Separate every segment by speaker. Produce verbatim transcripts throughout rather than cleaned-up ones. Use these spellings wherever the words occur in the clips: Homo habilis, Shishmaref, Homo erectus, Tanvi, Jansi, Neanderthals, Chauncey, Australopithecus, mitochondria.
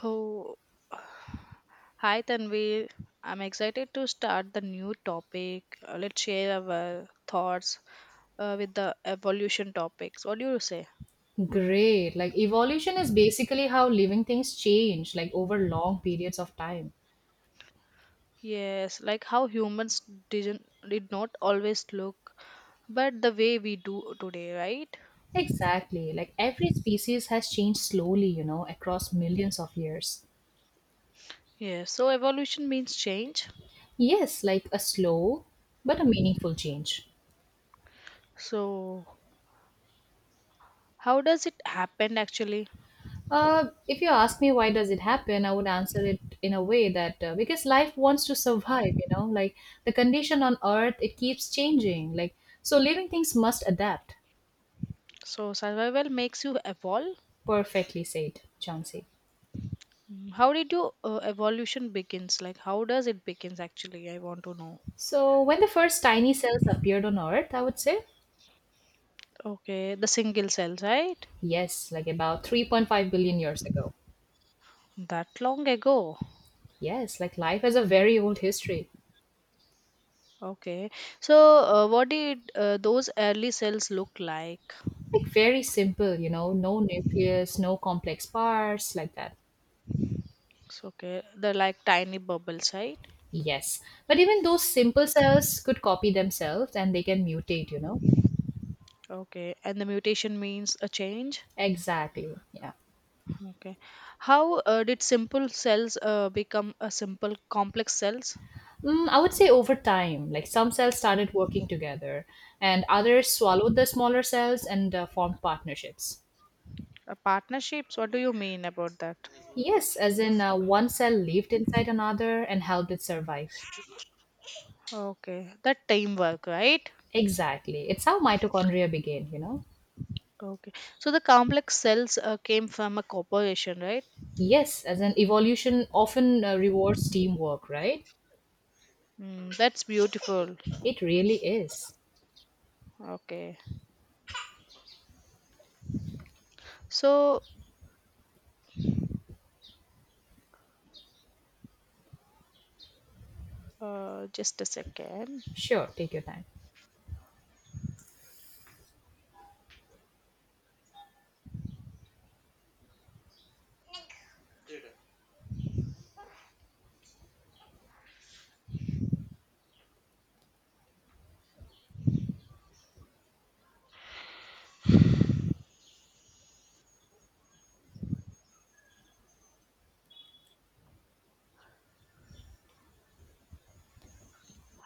Speaker 1: Oh, hi Tanvi. I'm excited to start the new topic. Uh, Let's share our thoughts uh, with the evolution topics. What do you say?
Speaker 2: Great. Like evolution is basically how living things change, like over long periods of time.
Speaker 1: Yes, like how humans didn't did not always look, but the way we do today, right?
Speaker 2: Exactly. Like every species has changed slowly, you know, across millions of years.
Speaker 1: Yes. So evolution means change.
Speaker 2: Yes, like a slow but a meaningful change.
Speaker 1: So how does it happen actually?
Speaker 2: Uh, if you ask me why does it happen, I would answer it in a way that uh, because life wants to survive, you know, like the condition on Earth it keeps changing. Like so, living things must adapt.
Speaker 1: So survival makes you evolve.
Speaker 2: Perfectly said, Chauncey.
Speaker 1: Mm, How did your uh, evolution begins? Like how does it begins actually? I want to know.
Speaker 2: So, when the first tiny cells appeared on Earth, I would say,
Speaker 1: Okay, the single cells, right?
Speaker 2: yes, like about three point five billion years ago.
Speaker 1: That long ago.
Speaker 2: Yes, like life has a very old history.
Speaker 1: Okay. So uh, what did uh, those early cells look like?
Speaker 2: Like very simple, you know, no nucleus, no complex parts, like that.
Speaker 1: So, okay, they're like tiny bubbles, right?
Speaker 2: Yes. But even those simple cells could copy themselves and they can mutate, you know?
Speaker 1: Okay. And the mutation means a change.
Speaker 2: Exactly. Yeah.
Speaker 1: Okay. How uh, did simple cells uh, become a simple complex cells?
Speaker 2: Mm, I would say over time, like some cells started working together and others swallowed the smaller cells and uh, formed partnerships.
Speaker 1: Uh, partnerships. What do you mean about that?
Speaker 2: Yes, as in uh, one cell lived inside another and helped it survive.
Speaker 1: Okay, that teamwork, right?
Speaker 2: Exactly. It's how mitochondria began, you know?
Speaker 1: Okay. So the complex cells uh, came from a corporation, right?
Speaker 2: Yes, as in evolution often uh, rewards teamwork, right?
Speaker 1: Mm, that's beautiful.
Speaker 2: It really is.
Speaker 1: Okay. So uh, just a second.
Speaker 2: Sure, take your time.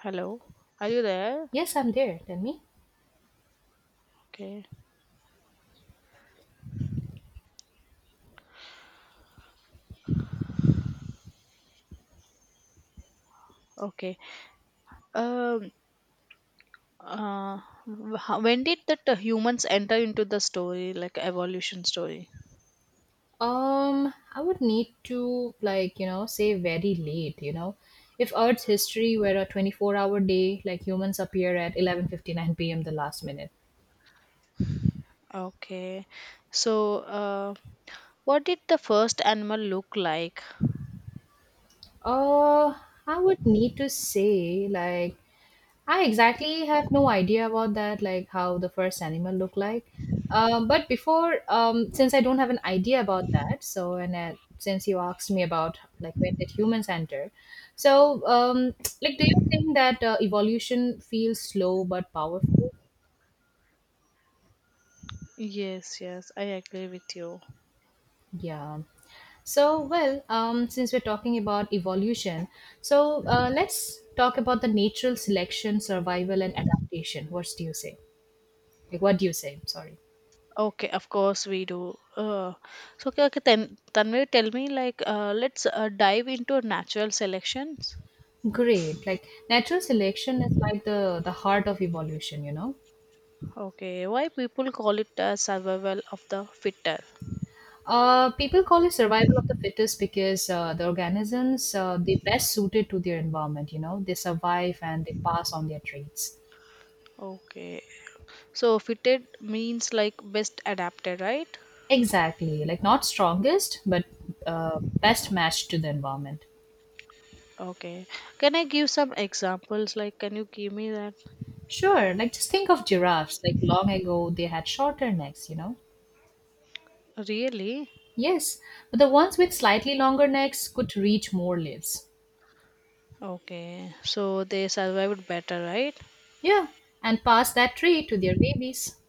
Speaker 1: Hello. Are you there?
Speaker 2: Yes, I'm there. Tell me.
Speaker 1: Okay. Okay. Um. Uh, wh- how- when did that uh, humans enter into the story, like evolution story?
Speaker 2: Um, I would need to, like, you know, say very late, you know? If Earth's history were a twenty-four-hour day, like humans appear at eleven fifty-nine p m the last minute.
Speaker 1: Okay. So, uh, what did the first animal look like?
Speaker 2: Uh, I would need to say like I exactly have no idea about that, like how the first animal looked like. Um, but before, um, since I don't have an idea about that, so and uh, since you asked me about like where did humans enter, so um, like do you think that uh, evolution feels slow but powerful?
Speaker 1: Yes. Yes. I agree with you.
Speaker 2: Yeah. So, well, um, since we're talking about evolution, so uh, let's talk about the natural selection, survival, and adaptation. What do you say? Like, what do you say? Sorry.
Speaker 1: Okay, of course we do. Uh, so, okay, okay, then Tanvi, tell me, like, uh, let's uh, dive into natural selections.
Speaker 2: Great. Like natural selection is like the the heart of evolution, you know.
Speaker 1: Okay, why people call it uh, survival of the fitter?
Speaker 2: Uh, people call it survival of the fittest because uh, the organisms uh, they best suited to their environment, you know. They survive and they pass on their traits.
Speaker 1: Okay, so fitted means like best adapted, right?
Speaker 2: Exactly. Like not strongest, but uh, best matched to the environment.
Speaker 1: Okay, can I give some examples? Like, can you give me that?
Speaker 2: Sure. Like just think of giraffes. Like long ago, they had shorter necks, you know.
Speaker 1: Really?
Speaker 2: Yes, but the ones with slightly longer necks could reach more leaves.
Speaker 1: Okay, so they survived better, right?
Speaker 2: Yeah, and pass that tree to their babies.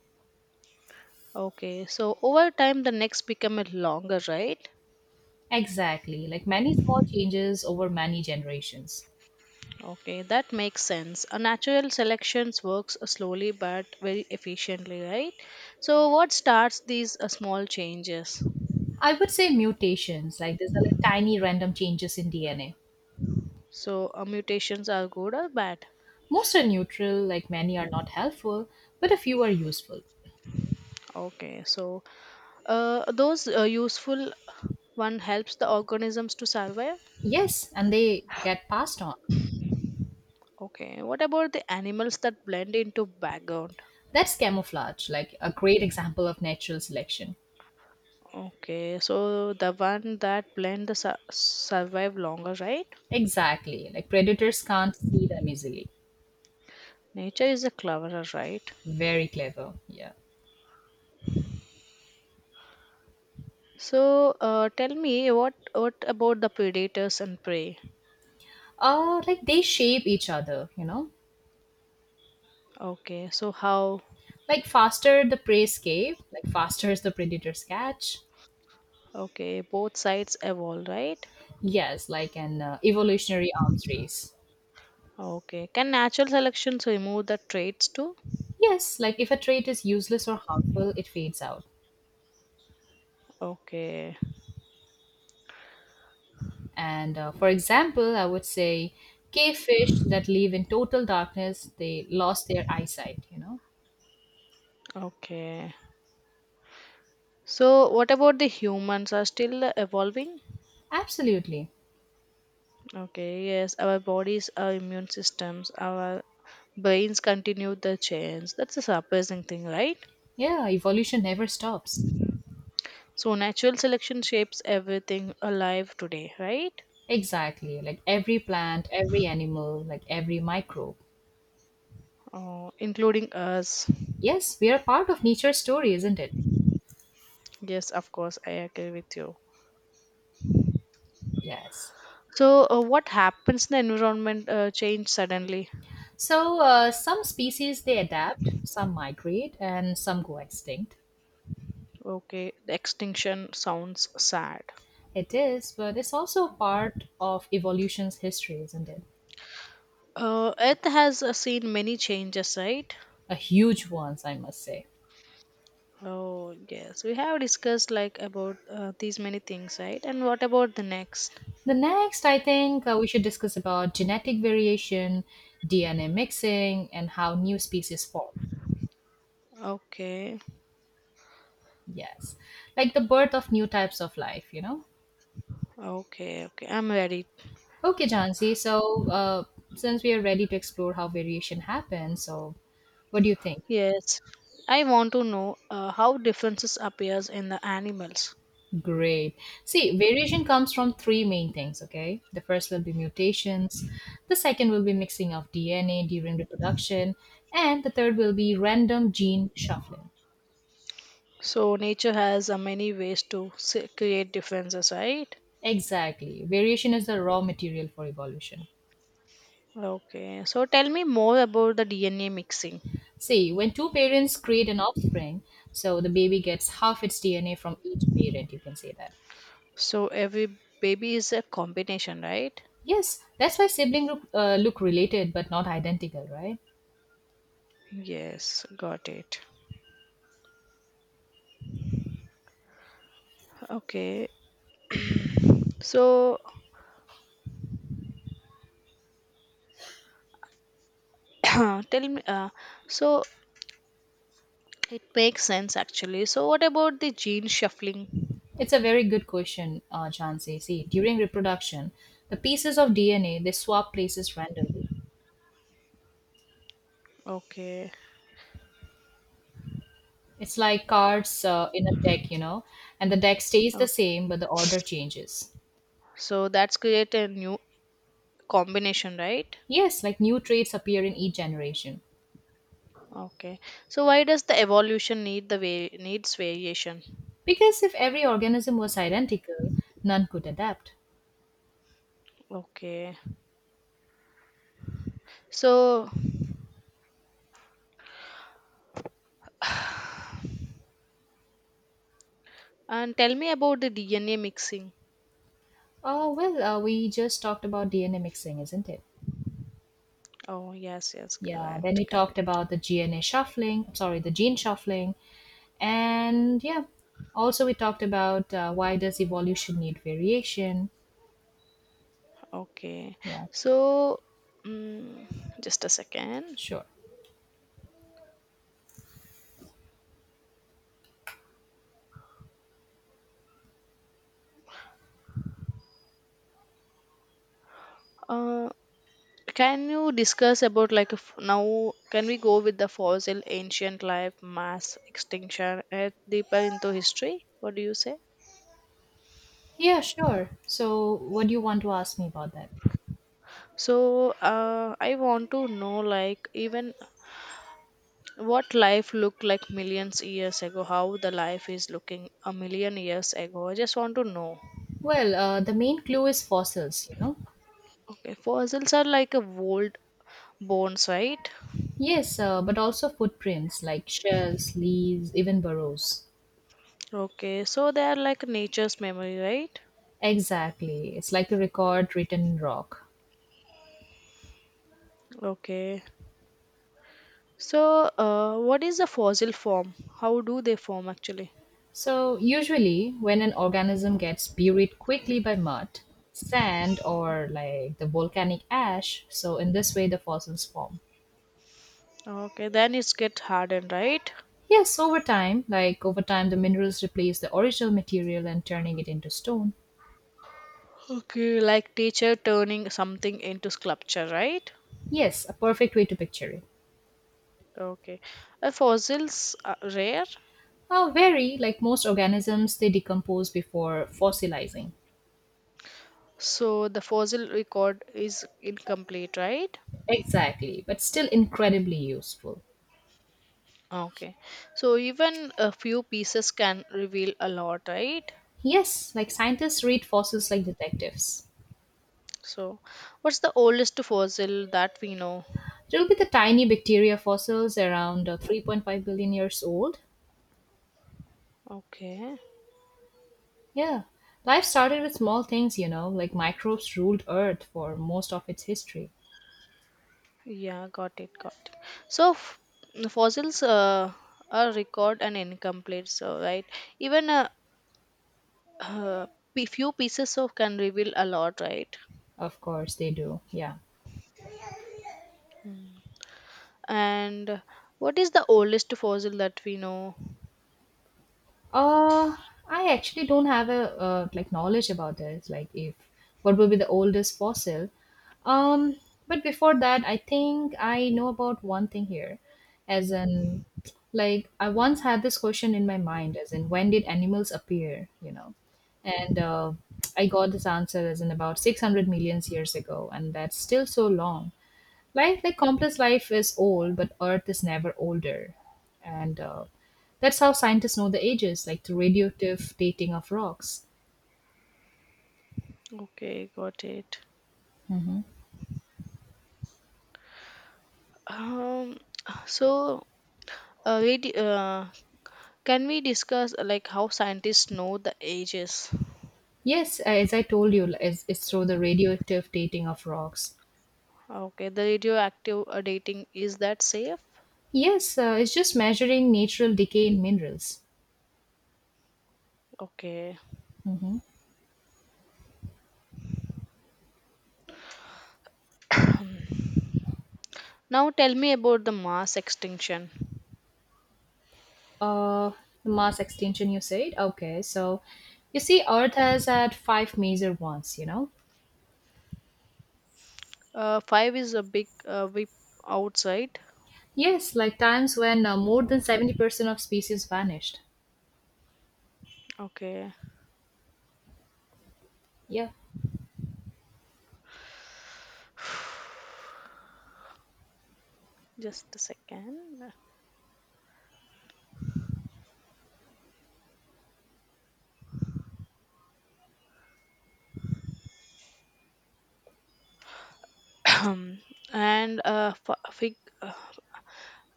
Speaker 1: Okay, so over time the necks become a longer, right?
Speaker 2: Exactly, like many small changes over many generations.
Speaker 1: Okay, that makes sense. A natural selections works slowly but very efficiently, right? So what starts these uh, small changes?
Speaker 2: I would say mutations, like these are like tiny random changes in D N A.
Speaker 1: So uh, mutations are good or bad?
Speaker 2: Most are neutral, like many are not helpful, but a few are useful.
Speaker 1: Okay, so uh, those uh, useful one helps the organisms to survive.
Speaker 2: Yes, and they get passed on.
Speaker 1: Okay, what about the animals that blend into background?
Speaker 2: That's camouflage, like a great example of natural selection.
Speaker 1: Okay, so the one that blend the su- survive longer, right?
Speaker 2: Exactly, like predators can't see them easily.
Speaker 1: Nature is a cleverer, right?
Speaker 2: Very clever, yeah.
Speaker 1: So, uh, tell me what what about the predators and prey?
Speaker 2: Uh, like they shape each other, you know?
Speaker 1: Okay, so how?
Speaker 2: Like faster the prey escape, like faster is the predator's catch.
Speaker 1: Okay, both sides evolve, right?
Speaker 2: Yes, like an uh, evolutionary arms race.
Speaker 1: Okay, can natural selection remove the traits too?
Speaker 2: Yes, like if a trait is useless or harmful, it fades out.
Speaker 1: Okay,
Speaker 2: And uh, for example, I would say cavefish that live in total darkness, they lost their eyesight, you know?
Speaker 1: okay. So, what about the humans are still evolving?
Speaker 2: Absolutely.
Speaker 1: Okay, yes, our bodies, our immune systems, our brains continue the change. That's a surprising thing, right?
Speaker 2: Yeah, evolution never stops.
Speaker 1: So, natural selection shapes everything alive today, right?
Speaker 2: Exactly. Like every plant, every animal, like every microbe.
Speaker 1: Uh, including us.
Speaker 2: Yes, we are part of nature's story, isn't it?
Speaker 1: Yes, of course, I agree with you.
Speaker 2: Yes.
Speaker 1: So, uh, what happens in the environment uh, change suddenly?
Speaker 2: So uh, some species they adapt, some migrate, and some go extinct.
Speaker 1: Okay, the extinction sounds sad.
Speaker 2: It is, but it's also part of evolution's history, isn't it?
Speaker 1: Uh, Earth has uh, seen many changes, right?
Speaker 2: A huge one, I must say.
Speaker 1: Oh, yes, we have discussed like about uh, these many things, right? And what about the next?
Speaker 2: The next, I think uh, we should discuss about genetic variation, D N A mixing, and how new species form.
Speaker 1: Okay,
Speaker 2: Yes, like the birth of new types of life, you know?
Speaker 1: okay, okay. I'm ready.
Speaker 2: Okay, Jansi, so uh, since we are ready to explore how variation happens, so what do you think?
Speaker 1: Yes, I want to know uh, how differences appears in the animals.
Speaker 2: Great. See, variation comes from three main things, okay? The first will be mutations, the second will be mixing of D N A during reproduction, and the third will be random gene shuffling.
Speaker 1: So nature has uh, many ways to s- create differences, right?
Speaker 2: Exactly. Variation is the raw material for evolution.
Speaker 1: Okay, so tell me more about the D N A mixing.
Speaker 2: See, when two parents create an offspring, so the baby gets half its D N A from each parent, you can say that.
Speaker 1: So every baby is a combination, right?
Speaker 2: Yes, that's why siblings look, uh, look related but not identical, right?
Speaker 1: Yes, got it. Okay, so tell me, uh, so it makes sense actually. So what about the gene shuffling?
Speaker 2: It's a very good question, uh, Chansey. See, during reproduction, the pieces of D N A they swap places randomly.
Speaker 1: Okay,
Speaker 2: It's like cards uh, in a deck, you know, and the deck stays
Speaker 1: oh,
Speaker 2: the same, but the order changes.
Speaker 1: so that's create a new combination, right?
Speaker 2: Yes, like new traits appear in each generation.
Speaker 1: Okay, so why does the evolution need the way needs variation?
Speaker 2: Because if every organism was identical, none could adapt.
Speaker 1: Okay, so and tell me about the D N A mixing.
Speaker 2: Oh, well, uh, we just talked about D N A mixing, isn't it?
Speaker 1: Oh, yes, yes,
Speaker 2: Yeah, then
Speaker 1: correct,
Speaker 2: we talked
Speaker 1: correct.
Speaker 2: about the D N A shuffling, sorry, the gene shuffling. And yeah, also we talked about uh, why does evolution need variation?
Speaker 1: Okay.
Speaker 2: Yeah,
Speaker 1: So, mm, just a second.
Speaker 2: sure.
Speaker 1: Uh, can you discuss about like f- now? Can we go with the fossil, ancient life, mass extinction, and deeper into history? What do you say?
Speaker 2: Yeah, sure. So, what do you want to ask me about that?
Speaker 1: So, uh, I want to know like even what life looked like millions years ago, how the life is looking a million years ago. I just want to know.
Speaker 2: Well, uh, the main clue is fossils, you know.
Speaker 1: Okay, fossils are like a old bones, right?
Speaker 2: Yes, uh, but also footprints like shells, leaves, even burrows.
Speaker 1: Okay, so they are like nature's memory, right?
Speaker 2: Exactly. It's like a record written in rock.
Speaker 1: Okay. So, uh, what is the fossil form? How do they form actually?
Speaker 2: So, usually, when an organism gets buried quickly by mud, sand, or like the volcanic ash, so in this way the fossils form.
Speaker 1: Okay, then it's get hardened, right?
Speaker 2: Yes, over time, like over time, the minerals replace the original material and turning it into stone.
Speaker 1: Okay, like teacher turning something into sculpture, right?
Speaker 2: Yes, a perfect way to picture it.
Speaker 1: Okay. Uh, fossils are rare,
Speaker 2: Oh, very, like most organisms, they decompose before fossilizing.
Speaker 1: so the fossil record is incomplete, right?
Speaker 2: Exactly, but still incredibly useful.
Speaker 1: Okay. So even a few pieces can reveal a lot, right?
Speaker 2: Yes, like scientists read fossils like detectives.
Speaker 1: So, what's the oldest fossil that we know?
Speaker 2: There will be the tiny bacteria fossils around uh, three point five billion years old.
Speaker 1: Okay.
Speaker 2: Yeah, life started with small things, you know, like microbes ruled Earth for most of its history.
Speaker 1: Yeah, got it, got it. So f- fossils uh, are record and incomplete, so right. Even a uh, uh, p- few pieces of can reveal a lot, right?
Speaker 2: Of course, they do, yeah.
Speaker 1: Mm. And what is the oldest fossil that we know?
Speaker 2: Uh, I actually don't have a uh, like knowledge about this. Like, if what will be the oldest fossil? Um, but before that, I think I know about one thing here, as in, like I once had this question in my mind, as in, when did animals appear? You know, and uh, I got this answer as in about six hundred millions years ago, and that's still so long. Life, like complex life, is old, but Earth is never older. And uh, that's how scientists know the ages, like the radioactive dating of rocks.
Speaker 1: Okay, got it. Um, so uh, we di- uh, can we discuss uh, like how scientists know the ages?
Speaker 2: Yes, uh, as I told you, it's, it's through the radioactive dating of rocks.
Speaker 1: Okay, the radioactive uh, dating is that safe?
Speaker 2: Yes, uh, it's just measuring natural decay in minerals.
Speaker 1: Okay.
Speaker 2: Hmm.
Speaker 1: Now tell me about the mass extinction.
Speaker 2: Uh, the mass extinction, you said? Okay, so you see, Earth has had five major ones, you know?
Speaker 1: Uh, five is a big uh, whip outside.
Speaker 2: Yes, like times when uh, more than seventy percent of species vanished.
Speaker 1: Okay.
Speaker 2: Yeah.
Speaker 1: Just a second. and uh, f- fig- uh,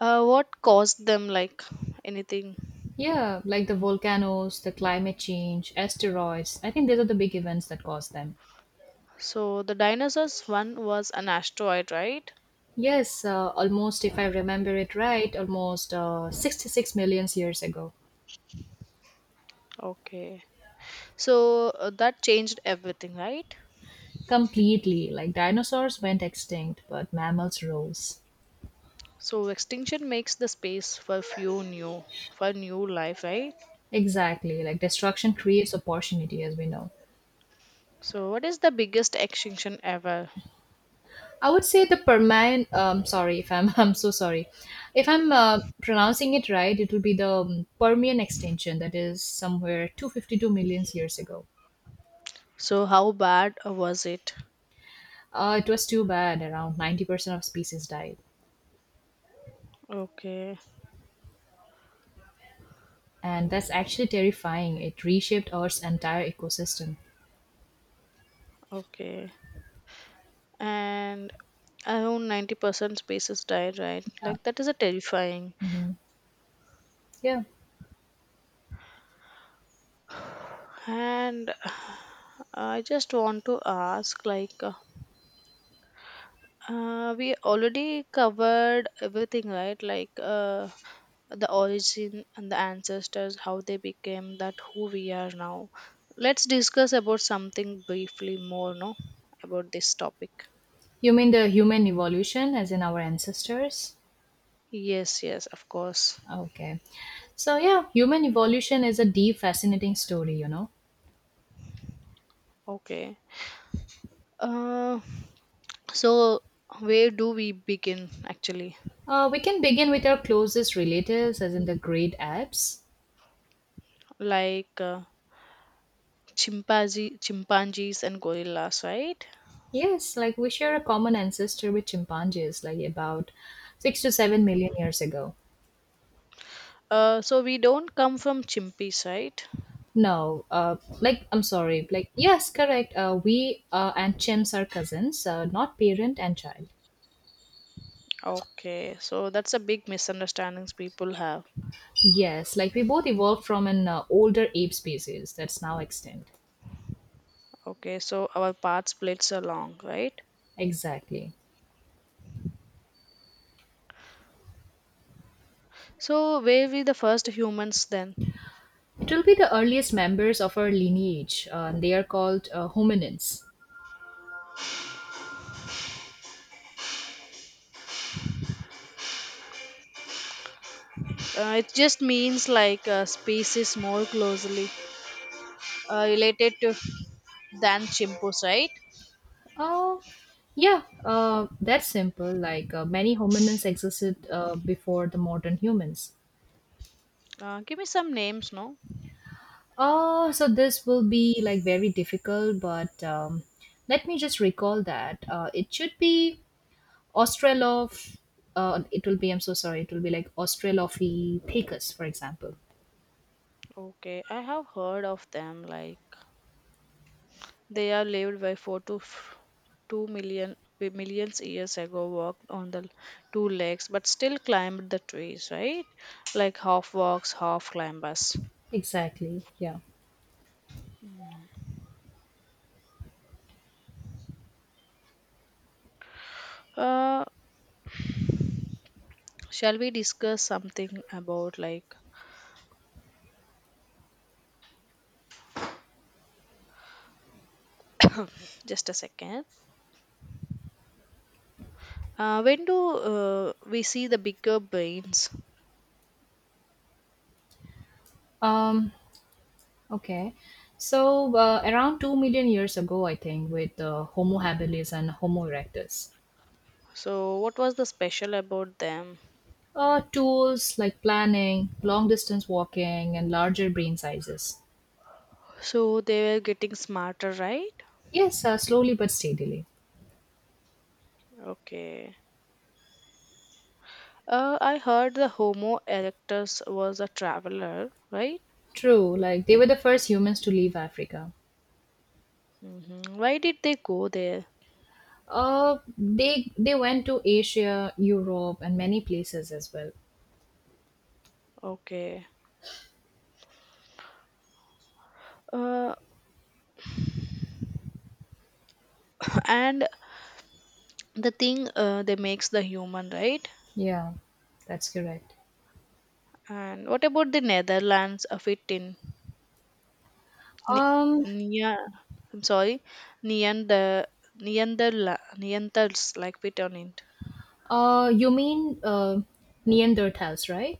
Speaker 1: uh, what caused them? Like anything?
Speaker 2: Yeah, like the volcanoes, the climate change, asteroids. I think these are the big events that cause them.
Speaker 1: So the dinosaurs one was an asteroid, right?
Speaker 2: Yes, uh, almost, if I remember it right, almost uh, sixty-six million years ago.
Speaker 1: Okay. So uh, that changed everything, right?
Speaker 2: Completely, like dinosaurs went extinct, but mammals rose.
Speaker 1: So extinction makes the space for few new, for new life, right?
Speaker 2: Exactly, like destruction creates opportunity, as we know.
Speaker 1: So, what is the biggest extinction ever?
Speaker 2: I would say the Permian. Um, sorry if I'm. I'm so sorry. If I'm uh, pronouncing it right, it will be the um, Permian extinction that is somewhere two hundred fifty-two million years ago.
Speaker 1: So, how bad was it?
Speaker 2: Uh, it was too bad. Around ninety percent of species died.
Speaker 1: Okay,
Speaker 2: And that's actually terrifying. It reshaped Earth's entire ecosystem.
Speaker 1: okay. And around ninety percent species died, right? Like, that is a terrifying.
Speaker 2: Yeah.
Speaker 1: And I just want to ask, like, Uh, we already covered everything, right? Like uh, the origin and the ancestors, how they became that who we are now. Let's discuss about something briefly more, no? About this topic.
Speaker 2: You mean the human evolution, as in our ancestors?
Speaker 1: Yes, yes, of course.
Speaker 2: Okay. So, yeah, human evolution is a deep, fascinating story, you know.
Speaker 1: Okay. Uh, so where do we begin actually?
Speaker 2: Uh, we can begin with our closest relatives, as in the great apes.
Speaker 1: Like uh, chimpanzee, chimpanzees and gorillas, right?
Speaker 2: Yes, like we share a common ancestor with chimpanzees, like about six to seven million years ago.
Speaker 1: Uh, so we don't come from chimpies, right?
Speaker 2: No, uh, like I'm sorry, like yes, correct. Uh, we uh, and chimps are cousins, uh, not parent and child.
Speaker 1: Okay, so that's a big misunderstandings people have.
Speaker 2: Yes, like we both evolved from an uh, older ape species that's now extinct.
Speaker 1: Okay, so our paths splits are long, right?
Speaker 2: Exactly.
Speaker 1: So were we the first humans then?
Speaker 2: It will be the earliest members of our lineage. Uh, and they are called uh, hominins.
Speaker 1: Uh, it just means like uh, species more closely uh, related to than chimpanzees, right?
Speaker 2: Oh, yeah, uh, that's simple. Like uh, many hominins existed uh, before the modern humans.
Speaker 1: Uh, give me some names, no?
Speaker 2: Oh, so this will be like very difficult, but um, let me just recall that uh, it should be Australoph. Uh, it will be. I'm so sorry. It will be like Australopithecus, for example.
Speaker 1: Okay, I have heard of them, like they are lived by four to f- two million bi- millions years ago, walked on the two legs but still climbed the trees, right? Like half walks half climbers.
Speaker 2: Exactly. Yeah.
Speaker 1: uh shall we discuss something about like just a second. uh, when do uh, we see the bigger brains?
Speaker 2: Um, okay. So uh, around two million years ago, I think, with uh, Homo habilis and Homo erectus,
Speaker 1: So what was the special about them?
Speaker 2: uh, tools like planning, long distance walking, and larger brain sizes.
Speaker 1: So they were getting smarter, right?
Speaker 2: Yes, uh, slowly but steadily.
Speaker 1: Okay. uh, I heard the homo erectus was a traveler, right?
Speaker 2: True, like they were the first humans to leave Africa.
Speaker 1: Hmm. Why did they go there?
Speaker 2: Uh, they they went to Asia, Europe, and many places as well.
Speaker 1: Okay. Uh, and the thing uh, they makes the human, right.
Speaker 2: Yeah, that's correct.
Speaker 1: And what about the Netherlands? A fit in Ne-
Speaker 2: Um,
Speaker 1: Nia. I'm sorry, Neander Neanderla Neanderthals like fit on it.
Speaker 2: uh, you mean uh, Neanderthals, right?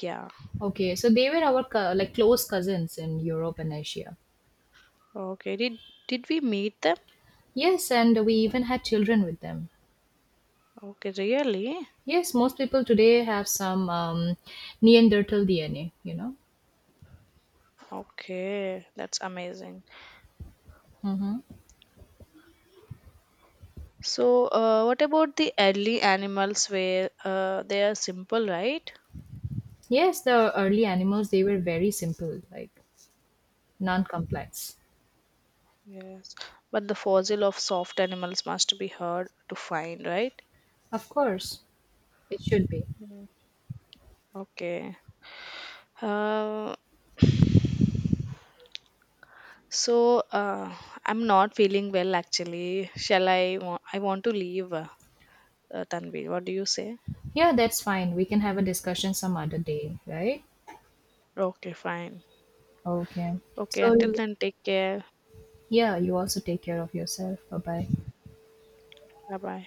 Speaker 1: Yeah.
Speaker 2: Okay, so they were our co- like close cousins in Europe and Asia.
Speaker 1: Okay. Did did we meet them?
Speaker 2: Yes, and we even had children with them.
Speaker 1: Okay. Really?
Speaker 2: Yes, most people today have some um, Neanderthal D N A. You know.
Speaker 1: Okay. That's amazing.
Speaker 2: Mm-hmm.
Speaker 1: So, uh, what about the early animals? Where uh, they are simple, right?
Speaker 2: Yes, the early animals they were very simple, like non-complex.
Speaker 1: Yes, but the fossil of soft animals must be hard to find, right?
Speaker 2: Of course, it should be.
Speaker 1: Mm. Okay. Uh, so uh, I'm not feeling well actually. Shall I? wa- I want to leave, uh, uh, Tanvi. What do you say?
Speaker 2: Yeah, that's fine. We can have a discussion some other day, right?
Speaker 1: Okay, fine.
Speaker 2: Okay.
Speaker 1: Okay, until
Speaker 2: So,
Speaker 1: then, take care.
Speaker 2: yeah, you also take care of yourself. Bye bye.
Speaker 1: Bye bye.